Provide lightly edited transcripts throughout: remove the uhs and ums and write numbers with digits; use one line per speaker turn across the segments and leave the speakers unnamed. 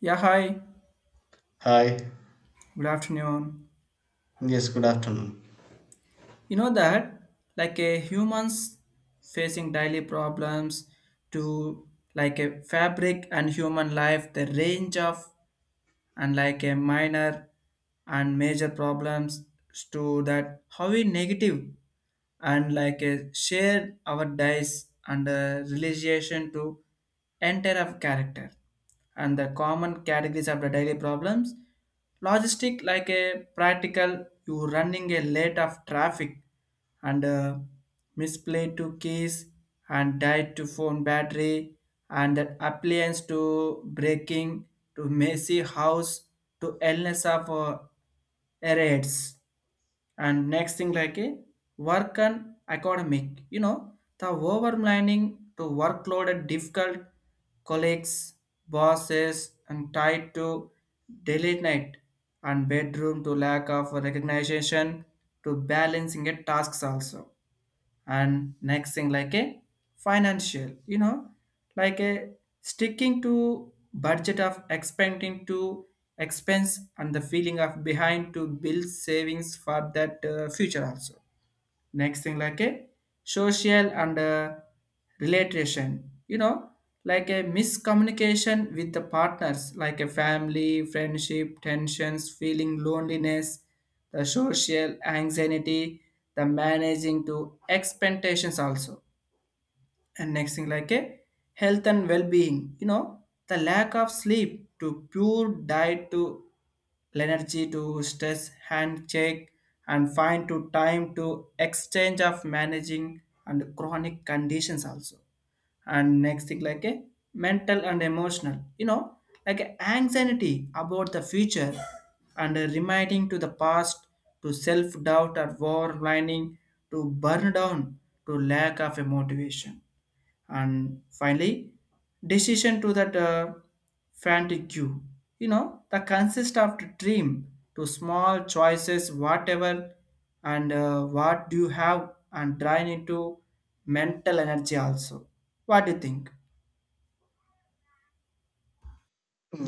Yeah, hi.
Hi.
Good afternoon.
Yes, good afternoon.
You know that, like a humans facing daily problems to like a fabric and human life, the range of and like a minor and major problems to that how we negative and like a share our dice and a relation to enter of character and the common categories of the daily problems logistic like a practical you running a late of traffic and misplaced to keys and died to phone battery and that appliance to breaking to messy house to illness of errors. And next thing like a work and academic, you know, the overmining to workload and difficult colleagues, bosses and tied to daily night and bedroom to lack of recognition to balancing a tasks also. And next thing like a financial, you know, like a sticking to budget of expanding to expense and the feeling of behind to build savings for that future also. Next thing like a social and relation, you know, like a miscommunication with the partners like a family friendship tensions feeling loneliness, the social anxiety, the managing to expectations also. And next thing like a health and well-being, you know, the lack of sleep to pure diet to energy to stress hand check and find to time to exchange of managing and chronic conditions also. And next thing like a mental and emotional, you know, like a anxiety about the future and a reminding to the past to self-doubt or war lining to burn down to lack of a motivation. And finally decision to that frantic you know the consist of the dream to small choices whatever and what do you have and drain into mental energy also. What do you think?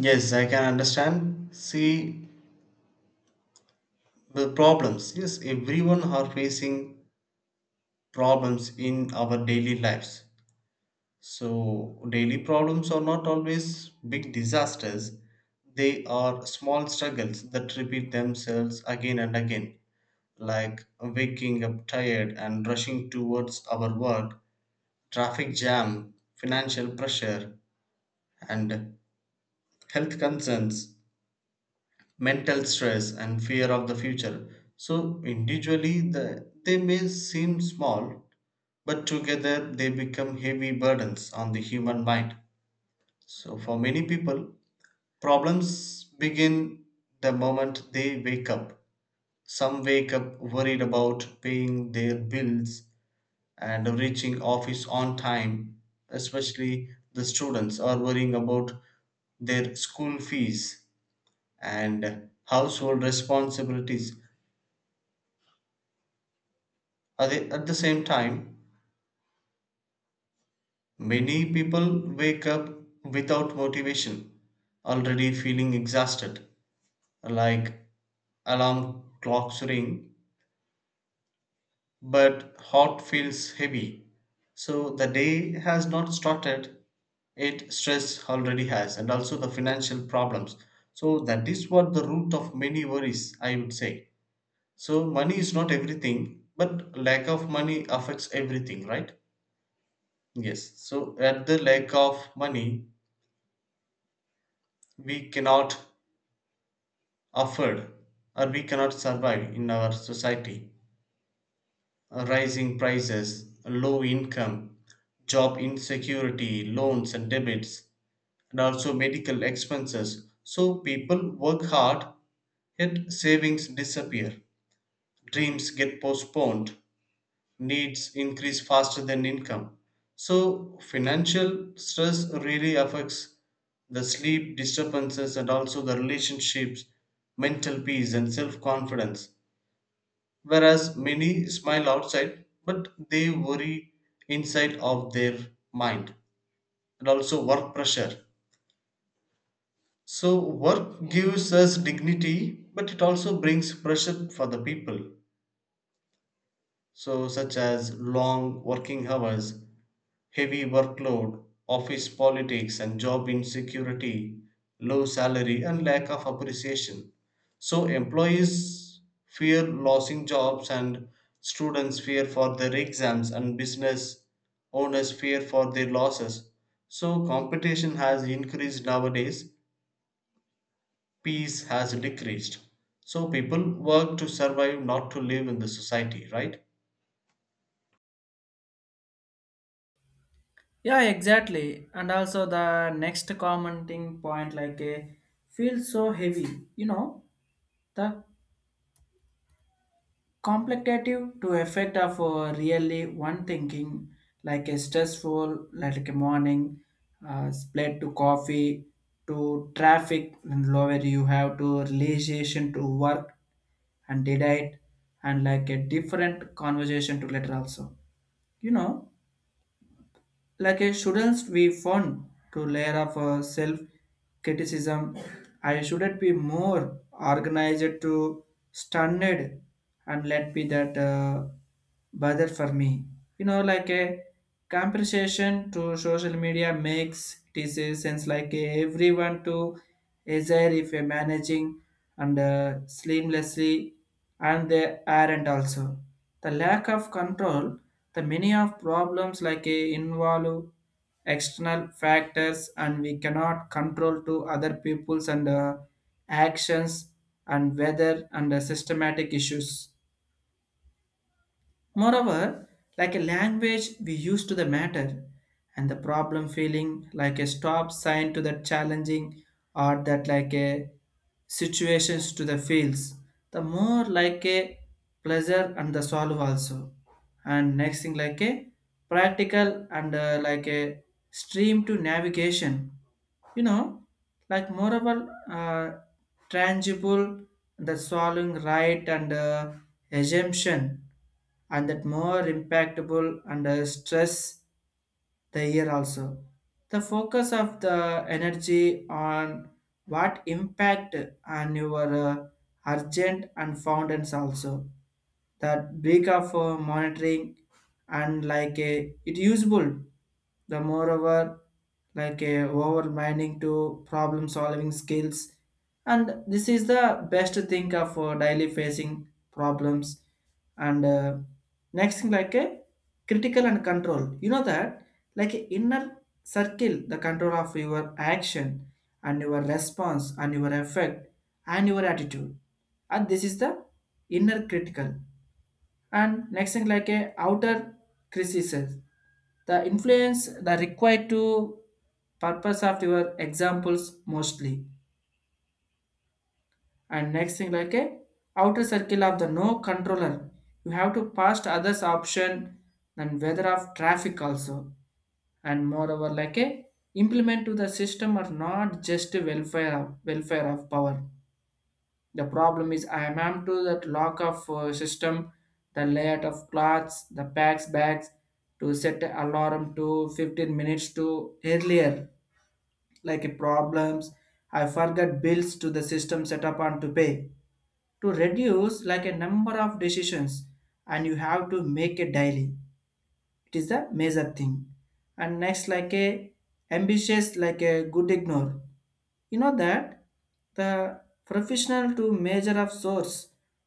Yes, I can understand. See the problems. Yes, everyone are facing problems in our daily lives. So daily problems are not always big disasters. They are small struggles that repeat themselves again and again, like waking up tired and rushing towards our work, traffic jam, financial pressure, and health concerns mental stress and fear of the future. So individually they may seem small, but together they become heavy burdens on the human mind. So for many people, problems begin the moment they wake up. Some wake up worried about paying their bills and reaching office on time, especially the students are worrying about their school fees and household responsibilities. At the same time, many people wake up without motivation, already feeling exhausted, like alarm clocks ring, but heart feels heavy. So the day has not started, it stress already has, and also the financial problems. So that is what the root of many worries, I would say. So money is not everything, but lack of money affects everything, right? Yes. So at the lack of money, we cannot afford or we cannot survive in our society. Rising prices, low income, job insecurity, loans and debits, and also medical expenses. So people work hard, yet savings disappear. Dreams get postponed needs increase faster than income. So, financial stress really affects the sleep disturbances and also the relationships, mental peace, and self confidence. Whereas many smile outside, but they worry inside of their mind, and also work pressure. So, work gives us dignity, but it also brings pressure for the people. So, such as long working hours, heavy workload, office politics and job insecurity, low salary and lack of appreciation. So employees fear losing jobs and students fear for their exams and business owners fear for their losses. So competition has increased nowadays, peace has decreased. So people work to survive, not to live in the society, right?
Yeah, exactly. And also the next commenting point, like a feel so heavy, you know, the complicative to effect of really one thinking like a stressful like a morning, split to coffee to traffic and lower you have to relation to work and did it and like a different conversation to later also, you know, like a shouldn't we fun to layer of self criticism. I shouldn't be more organized to standard and let be that bother for me. You know, like a compensation to social media makes this a sense like a everyone to desire if a managing and seamlessly and they aren't also. The lack of control, the many of problems like a involve external factors and we cannot control to other people's and actions and weather and systematic issues. Moreover, like a language we use to the matter, and the problem feeling like a stop sign to that challenging or that like a situations to the fields, the more like a pleasure and the solve also. And next thing like a practical and like a stream to navigation. You know, like moreover tangible, the solving right and assumption and that more impactable under stress the year also. The focus of the energy on what impact on your urgent and fountains also. That break of monitoring and like a it usable. The moreover like a over mining to problem solving skills, and this is the best thing of daily facing problems and next thing like a critical and control. You know that like a inner circle, the control of your action and your response and your effect and your attitude. And this is the inner critical. And next thing like a outer criticism. The influence the required to purpose of your examples mostly. And next thing like a outer circle of the no controller, you have to pass others option and weather of traffic also. And moreover like a implement to the system are not just welfare of power. The problem is I am to that lock of system, the layout of clothes, the packs bags to set alarm to 15 minutes to earlier like problems. I forget bills to the system set up on to pay to reduce like a number of decisions and you have to make it daily. It is the major thing. And next like a ambitious like a good ignore, you know that the professional to major of source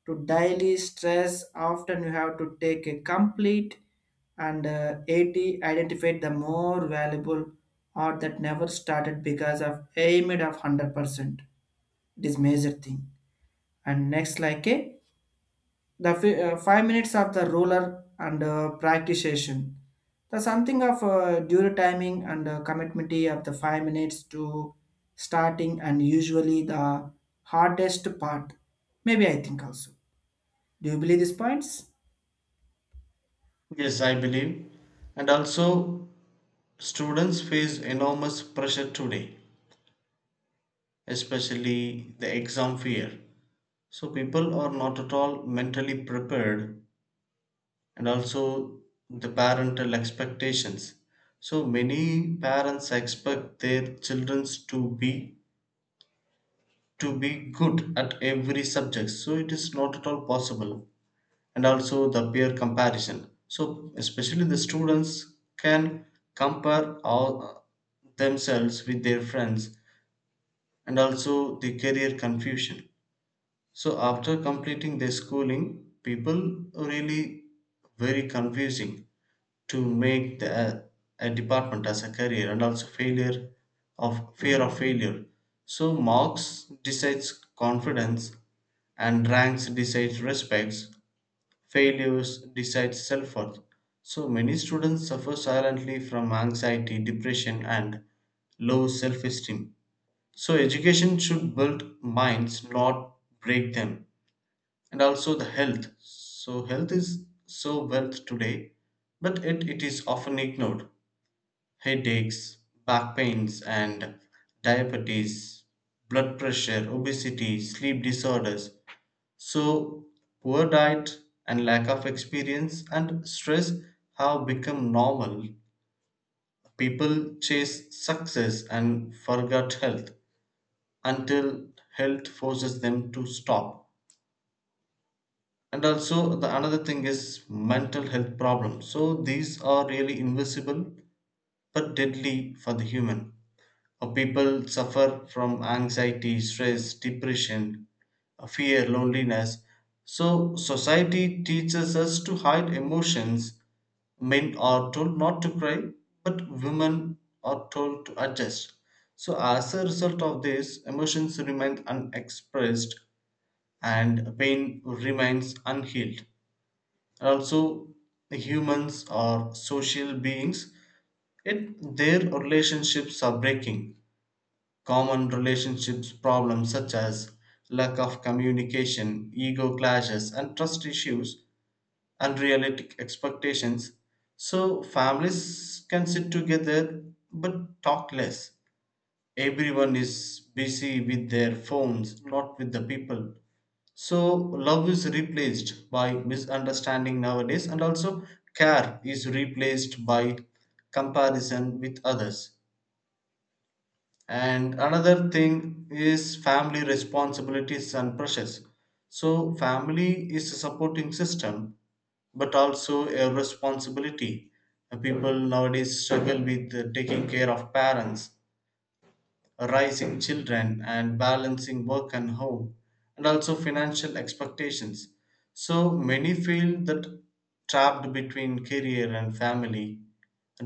to daily stress often you have to take a complete and 80 identified the more valuable or that never started because of aimed of 100%. It is major thing. And next like a the 5 minutes of the roller and practice session. The something of due timing and commitment of the 5 minutes to starting and usually the hardest part. Maybe I think also. Do you believe these points?
Yes, I believe. And also, students face enormous pressure today, especially the exam fear. So people are not at all mentally prepared and also the parental expectations. So many parents expect their children to be good at every subject. So it is not at all possible. And also the peer comparison. So especially the students can compare all themselves with their friends and also the career confusion. So after completing their schooling, people really very confusing to make a department as a career and also failure of fear of failure. So marks decides confidence and ranks decides respects, failures decides self-worth. So many students suffer silently from anxiety, depression and low self-esteem so education should build minds, not break them. And also the health. So health is so wealth today, but it is often ignored. Headaches, back pains and diabetes, blood pressure, obesity, sleep disorders. So poor diet and lack of experience and stress have become normal. People chase success and forget health, until health forces them to stop, and also the another thing is mental health problems. So these are really invisible but deadly for the human. People suffer from anxiety, stress, depression, fear, loneliness. So, society teaches us to hide emotions. Men are told not to cry, but women are told to adjust. So, as a result of this, emotions remain unexpressed and pain remains unhealed. And also, humans are social beings, yet their relationships are breaking. Common relationships problems such as lack of communication, ego clashes, and trust issues, unrealistic expectations. So, families can sit together but talk less. Everyone is busy with their phones, not with the people. So, love is replaced by misunderstanding nowadays, and also care is replaced by comparison with others. And another thing is family responsibilities and pressures. So, family is a supporting system, but also a responsibility. People nowadays struggle with taking care of parents, raising children and balancing work and home and also financial expectations so many feel that trapped between career and family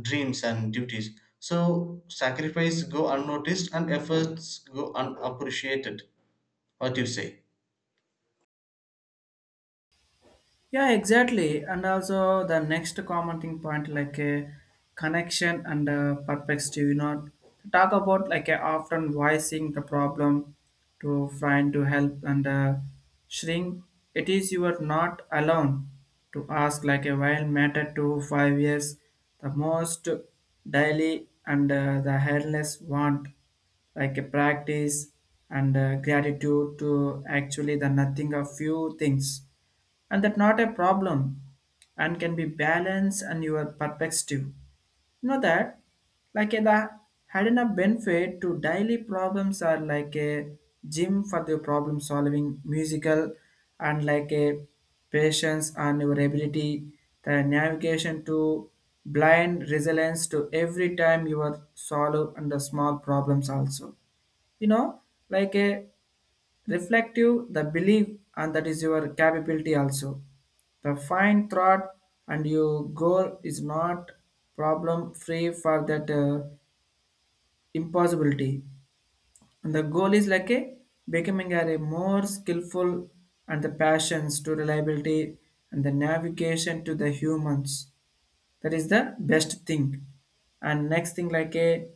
dreams and duties so sacrifice go unnoticed and efforts go unappreciated. What do you say?
Yeah, exactly. And also the next commenting point, like a connection and a perspective, you know, to talk about like a often voicing the problem to find to help and shrink. It is you are not alone to ask like a while matter to 5 years, the most daily and the headless want like a practice and gratitude to actually the nothing of few things and that not a problem and can be balanced and your perspective, you know that like a, the hidden a benefit to daily problems are like a gym for the problem solving musical and like a patience and your ability, the navigation to blind resilience to every time you are solve under small problems also, you know, like a reflective the belief and that is your capability also, the fine thought, and your goal is not problem free for that impossibility. And the goal is like a becoming a more skillful and the passions to reliability and the navigation to the humans. That is the best thing. And next thing like a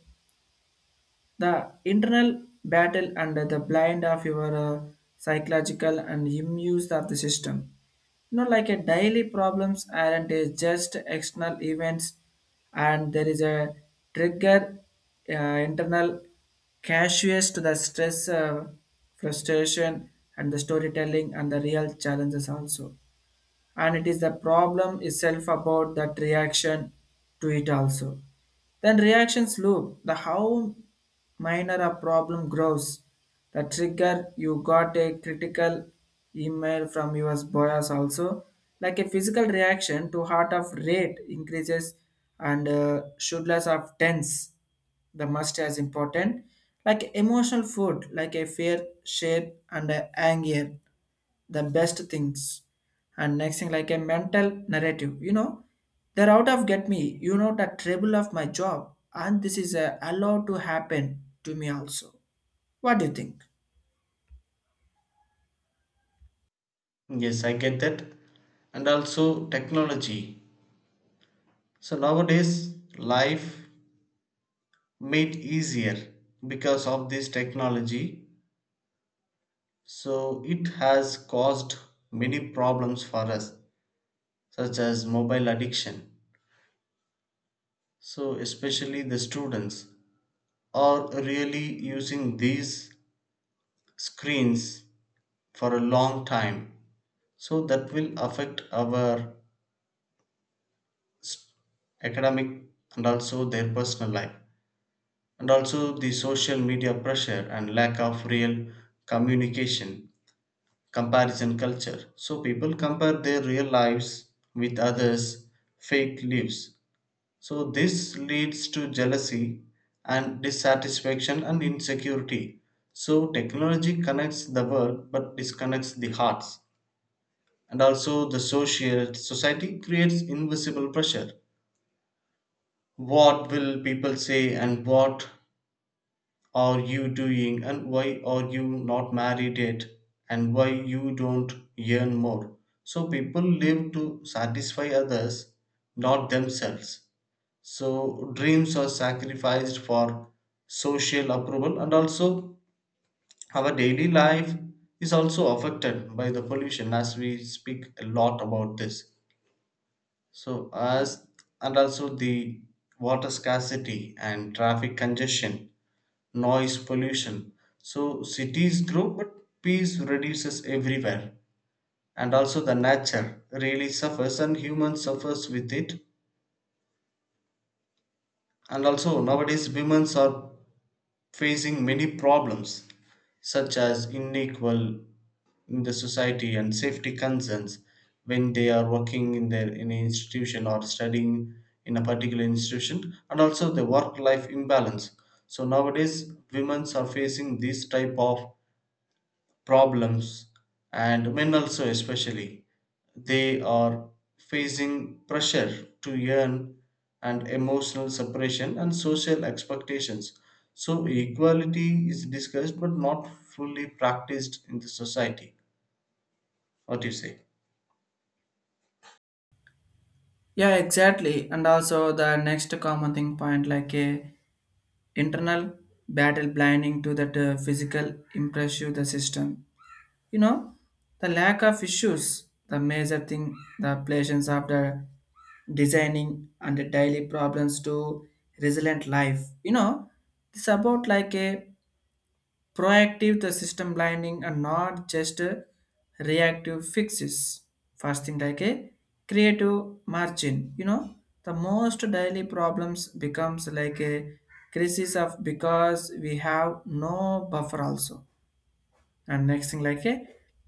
the internal battle and the blind of your psychological and immune of the system. You know like a daily problems aren't a just external events, and there is a trigger, uh, internal casuous to the stress, frustration and the storytelling and the real challenges also. And it is the problem itself about that reaction to it also. Then reactions loop, the how minor a problem grows, the trigger you got a critical email from your bias also, like a physical reaction to heart of rate increases and shoulders of tense, the must as important like emotional food like a fear shape and a anger, the best things. And next thing like a mental narrative, you know, they're out of get me, you know, the trouble of my job and this is allowed to happen to me also. What do you think?
Yes, I get that. And also technology, so nowadays life made easier because of this technology. So it has caused many problems for us, such as mobile addiction. So, especially the students are really using these screens for a long time. So, that will affect our s- academic and also their personal life, and also the social media pressure and lack of real communication, comparison culture. So, people compare their real lives with others' fake lives. So, this leads to jealousy and dissatisfaction and insecurity. So, technology connects the world but disconnects the hearts. And also, the social society creates invisible pressure. What will people say, and what are you doing, and why are you not married yet, and why you don't earn more? So, people live to satisfy others, not themselves. So dreams are sacrificed for social approval, and also our daily life is also affected by the pollution as we speak a lot about this. So as and also the water scarcity and traffic congestion, noise pollution. So cities grow, but peace reduces everywhere. And also the nature really suffers and human suffers with it. And also nowadays women are facing many problems such as unequal in the society and safety concerns when they are working in their in an institution or studying in a particular institution and also the work life imbalance, so nowadays women are facing these type of problems and men also especially they are facing pressure to earn and emotional separation and social expectations, so equality is discussed but not fully practiced in the society. What do you say?
Yeah, exactly. And also the next common thing point, like a internal battle blinding to that physical impressive the system. You know, the lack of issues, the major thing, the pleasures after designing and the daily problems to resilient life. You know, it's about like a proactive the system blinding and not just a reactive fixes. First thing like a creative margin. You know, the most daily problems becomes like a crisis of because we have no buffer also. And next thing like a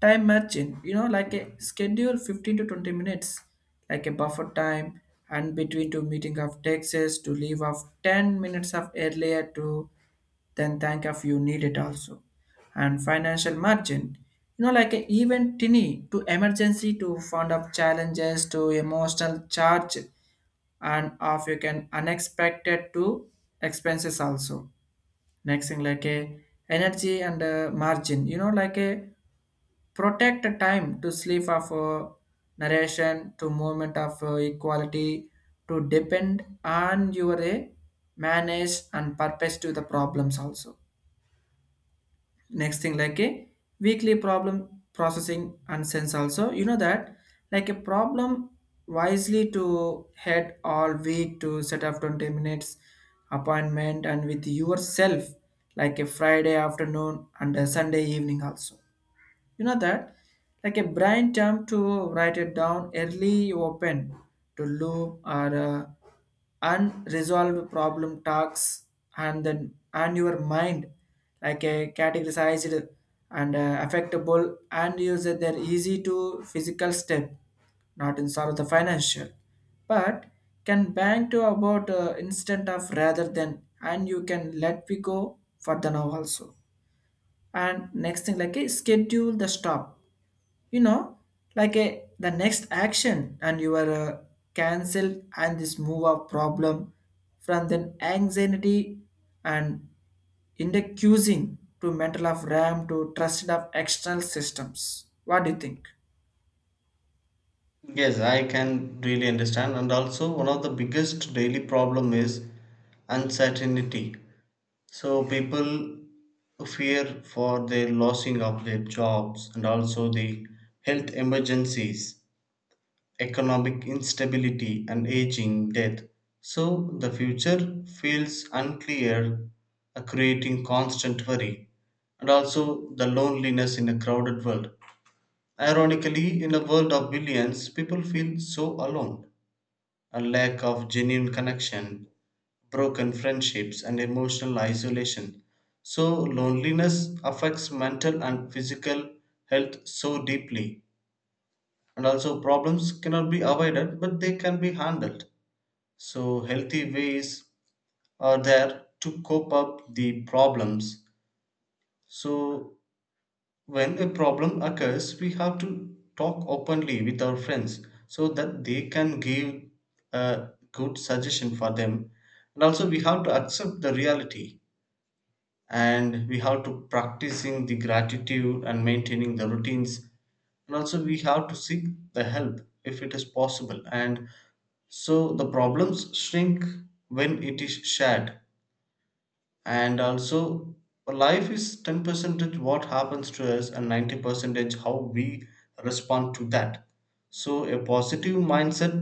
time margin, you know, like a schedule 15 to 20 minutes like a buffer time and between two meeting of taxes to leave off 10 minutes of earlier to then think of you need it also. And financial margin, you know, like a even tiny to emergency to fund of challenges to emotional charge and of you can unexpected to expenses also. Next thing like a energy and margin, you know, like a protect the time to sleep of narration to movement of equality to depend on your manage and purpose to the problems also. Next thing like a weekly problem processing and sense also. You know that like a problem wisely to head all week to set up 20 minutes appointment and with yourself, like a Friday afternoon and a Sunday evening also. You know that? Like a brain term to write it down early open to loop or unresolved problem talks and then and your mind like a categorized and affectable and use it their easy to physical step, not in sort of the financial, but can bank to about instant of rather than and you can let we go for the now also. And next thing like a schedule the stop, you know, like a the next action and you are cancelled and this move of problem from then anxiety and in the accusing to mental of ram to trusted of external systems. What do you think?
Yes, I can really understand. And also, one of the biggest daily problem is uncertainty. So people fear for their losing of their jobs and also the health emergencies, economic instability and aging death. So the future feels unclear, creating constant worry and also the loneliness in a crowded world. Ironically, in a world of billions, people feel so alone. A lack of genuine connection, broken friendships, and emotional isolation. So, loneliness affects mental and physical health so deeply. And also, problems cannot be avoided, but they can be handled. So, healthy ways are there to cope up the problems. So, when a problem occurs, we have to talk openly with our friends so that they can give a good suggestion for them. And also we have to accept the reality and we have to practicing the gratitude and maintaining the routines. And also we have to seek the help if it is possible. And so the problems shrink when it is shared, and also life is 10 percentage what happens to us and 90 percentage how we respond to that. So a positive mindset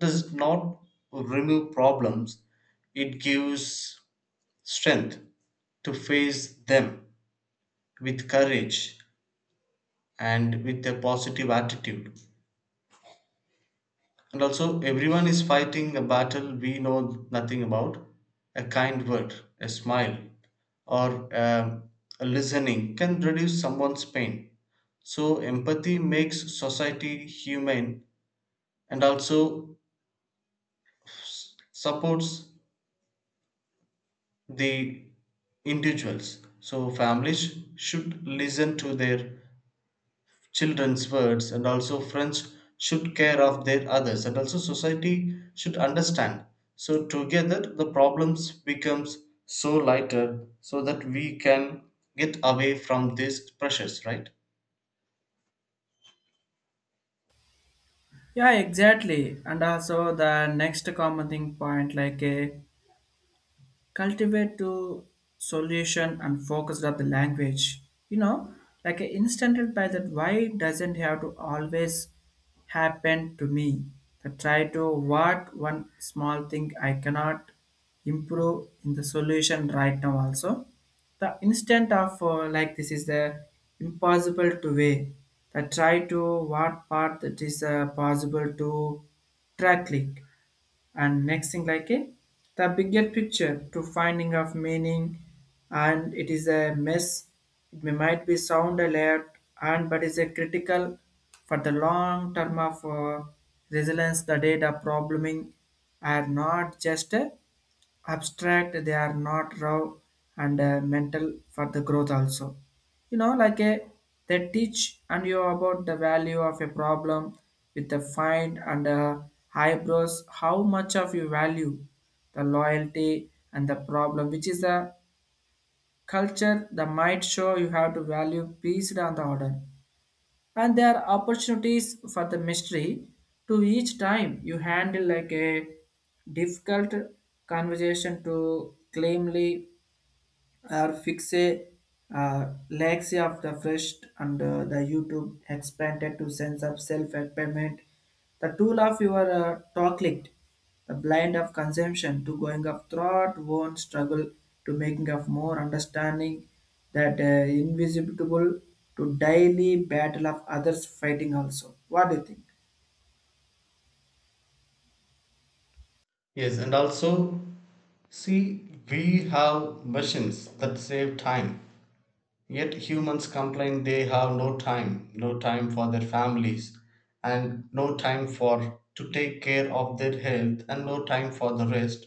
does not remove problems, it gives strength to face them with courage and with a positive attitude. And also, everyone is fighting a battle we know nothing about. A kind word, a smile, or a listening can reduce someone's pain. So, empathy makes society humane and also supports the individuals. So, families should listen to their children's words and also friends should care of their others and also society should understand, so together the problems becomes so lighter so that we can get away from these pressures, right?
Yeah, exactly. And also the next common thing point, like a cultivate to solution and focus on the language, you know, like a instanted by that why doesn't have to always happen to me, the try to what one small thing I cannot improve in the solution right now also. The instant of like this is the impossible to way, the try to what part that is possible to track link. And next thing like a the bigger picture to finding of meaning and it is a mess, it may might be sound alert, and but is a critical for the long term of resilience. The data probleming are not just a abstract, they are not raw and mental for the growth also. You know like a they teach and you about the value of a problem with the find and eyebrows how much of you value the loyalty and the problem which is the culture, the might show you have to value peace and the order, and there are opportunities for the mystery to each time you handle like a difficult conversation to claimly or fix a legacy of the first and the YouTube expanded to sense of self-payment. The tool of your talk licked, the blind of consumption to going of thought, one struggle to making of more understanding that invisible to daily battle of others fighting also. What do you think?
Yes, and also see we have machines that save time. Yet humans complain they have no time, no time for their families, and no time for to take care of their health, and no time for the rest,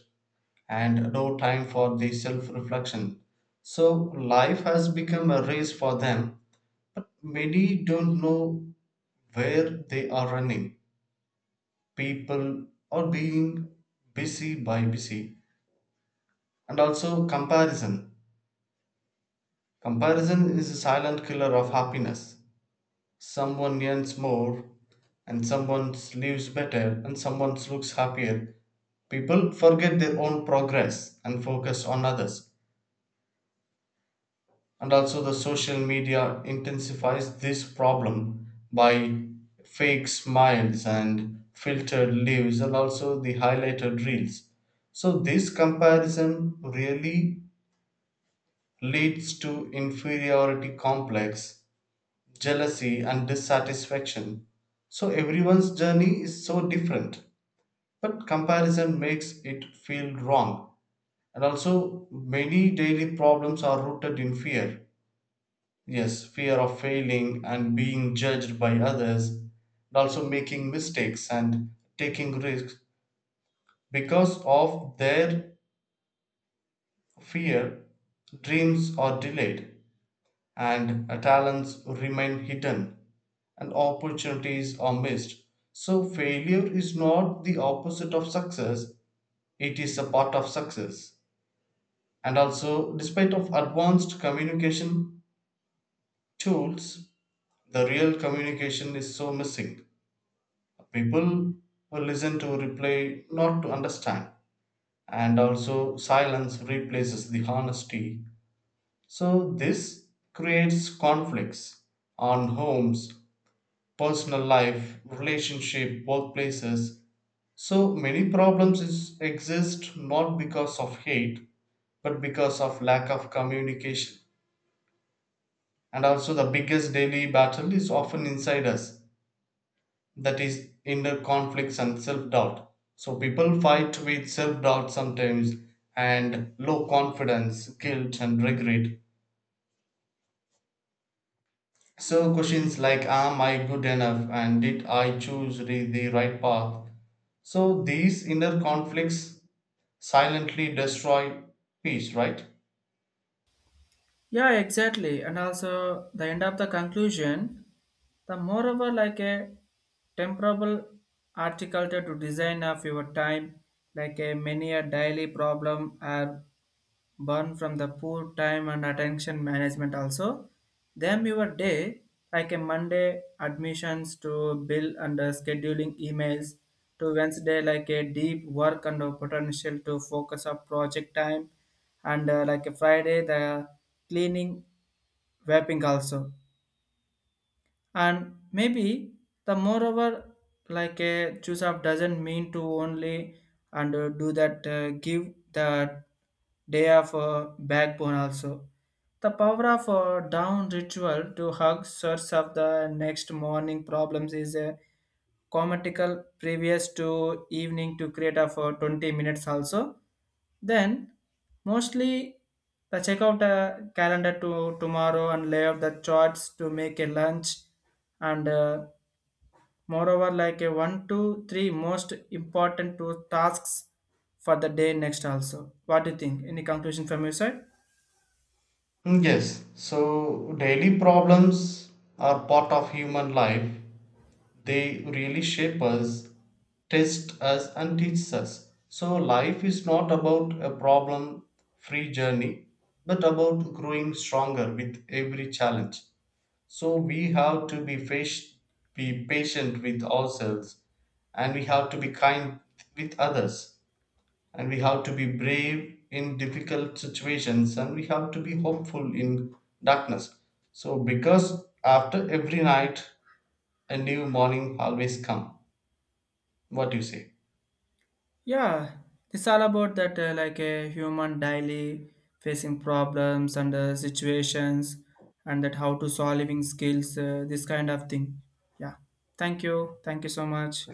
and no time for the self-reflection. So life has become a race for them, but many don't know where they are running. People are being busy by busy, and also comparison. Comparison is a silent killer of happiness. Someone earns more, and someone lives better, and someone looks happier. People forget their own progress and focus on others. And also, the social media intensifies this problem by fake smiles and filtered lives, and also the highlighted reels. So, this comparison really leads to inferiority complex jealousy, and dissatisfaction. So everyone's journey is so different, but comparison makes it feel wrong. And also, many daily problems are rooted in fear. Yes, fear of failing and being judged by others, and also making mistakes and taking risks. Because of their fear, dreams are delayed and talents remain hidden, and opportunities are missed. So, failure is not the opposite of success, it is a part of success. And also, despite of advanced communication tools, the real communication is so missing. People will listen to replay, not to understand. And also, silence replaces the honesty. So, this creates conflicts on homes, personal life, relationship, workplaces. So many exist not because of hate, but because of lack of communication. And also, the biggest daily battle is often inside us, that is, inner conflicts and self doubt. So, people fight with self doubt sometimes and low confidence, guilt, and regret. So, questions like am I good enough and did I the right path? So, these inner conflicts silently destroy peace, right?
Yeah, exactly. And also the end of the conclusion, the moreover like a temperable article to design of your time, like a many a daily problem are born from the poor time and attention management also. Them your day like a Monday admissions to bill and scheduling emails to Wednesday like a deep work and a potential to focus on project time and like a Friday the cleaning wrapping also. And maybe the moreover like a choose up doesn't mean to only and do that give the day of backbone also. The power of a down ritual to hug source of the next morning problems is a comatical previous to evening to create of 20 minutes also. Then mostly the check out a calendar to tomorrow and lay out the charts to make a lunch and moreover like a one to three most important two tasks for the day next also. What do you think? Any conclusion from your side?
Mm, yes, so daily problems are part of human life. They really shape us, test us, and teach us. So, life is not about a problem free journey, but about growing stronger with every challenge. So, we have to be patient with ourselves and we have to be kind with others and we have to be brave in difficult situations and we have to be hopeful in darkness, so because after every night a new morning always come. What do you say?
Yeah, it's all about that like a human daily facing problems and situations and that how to solving skills, this kind of thing. Yeah. Thank you. Thank you so much.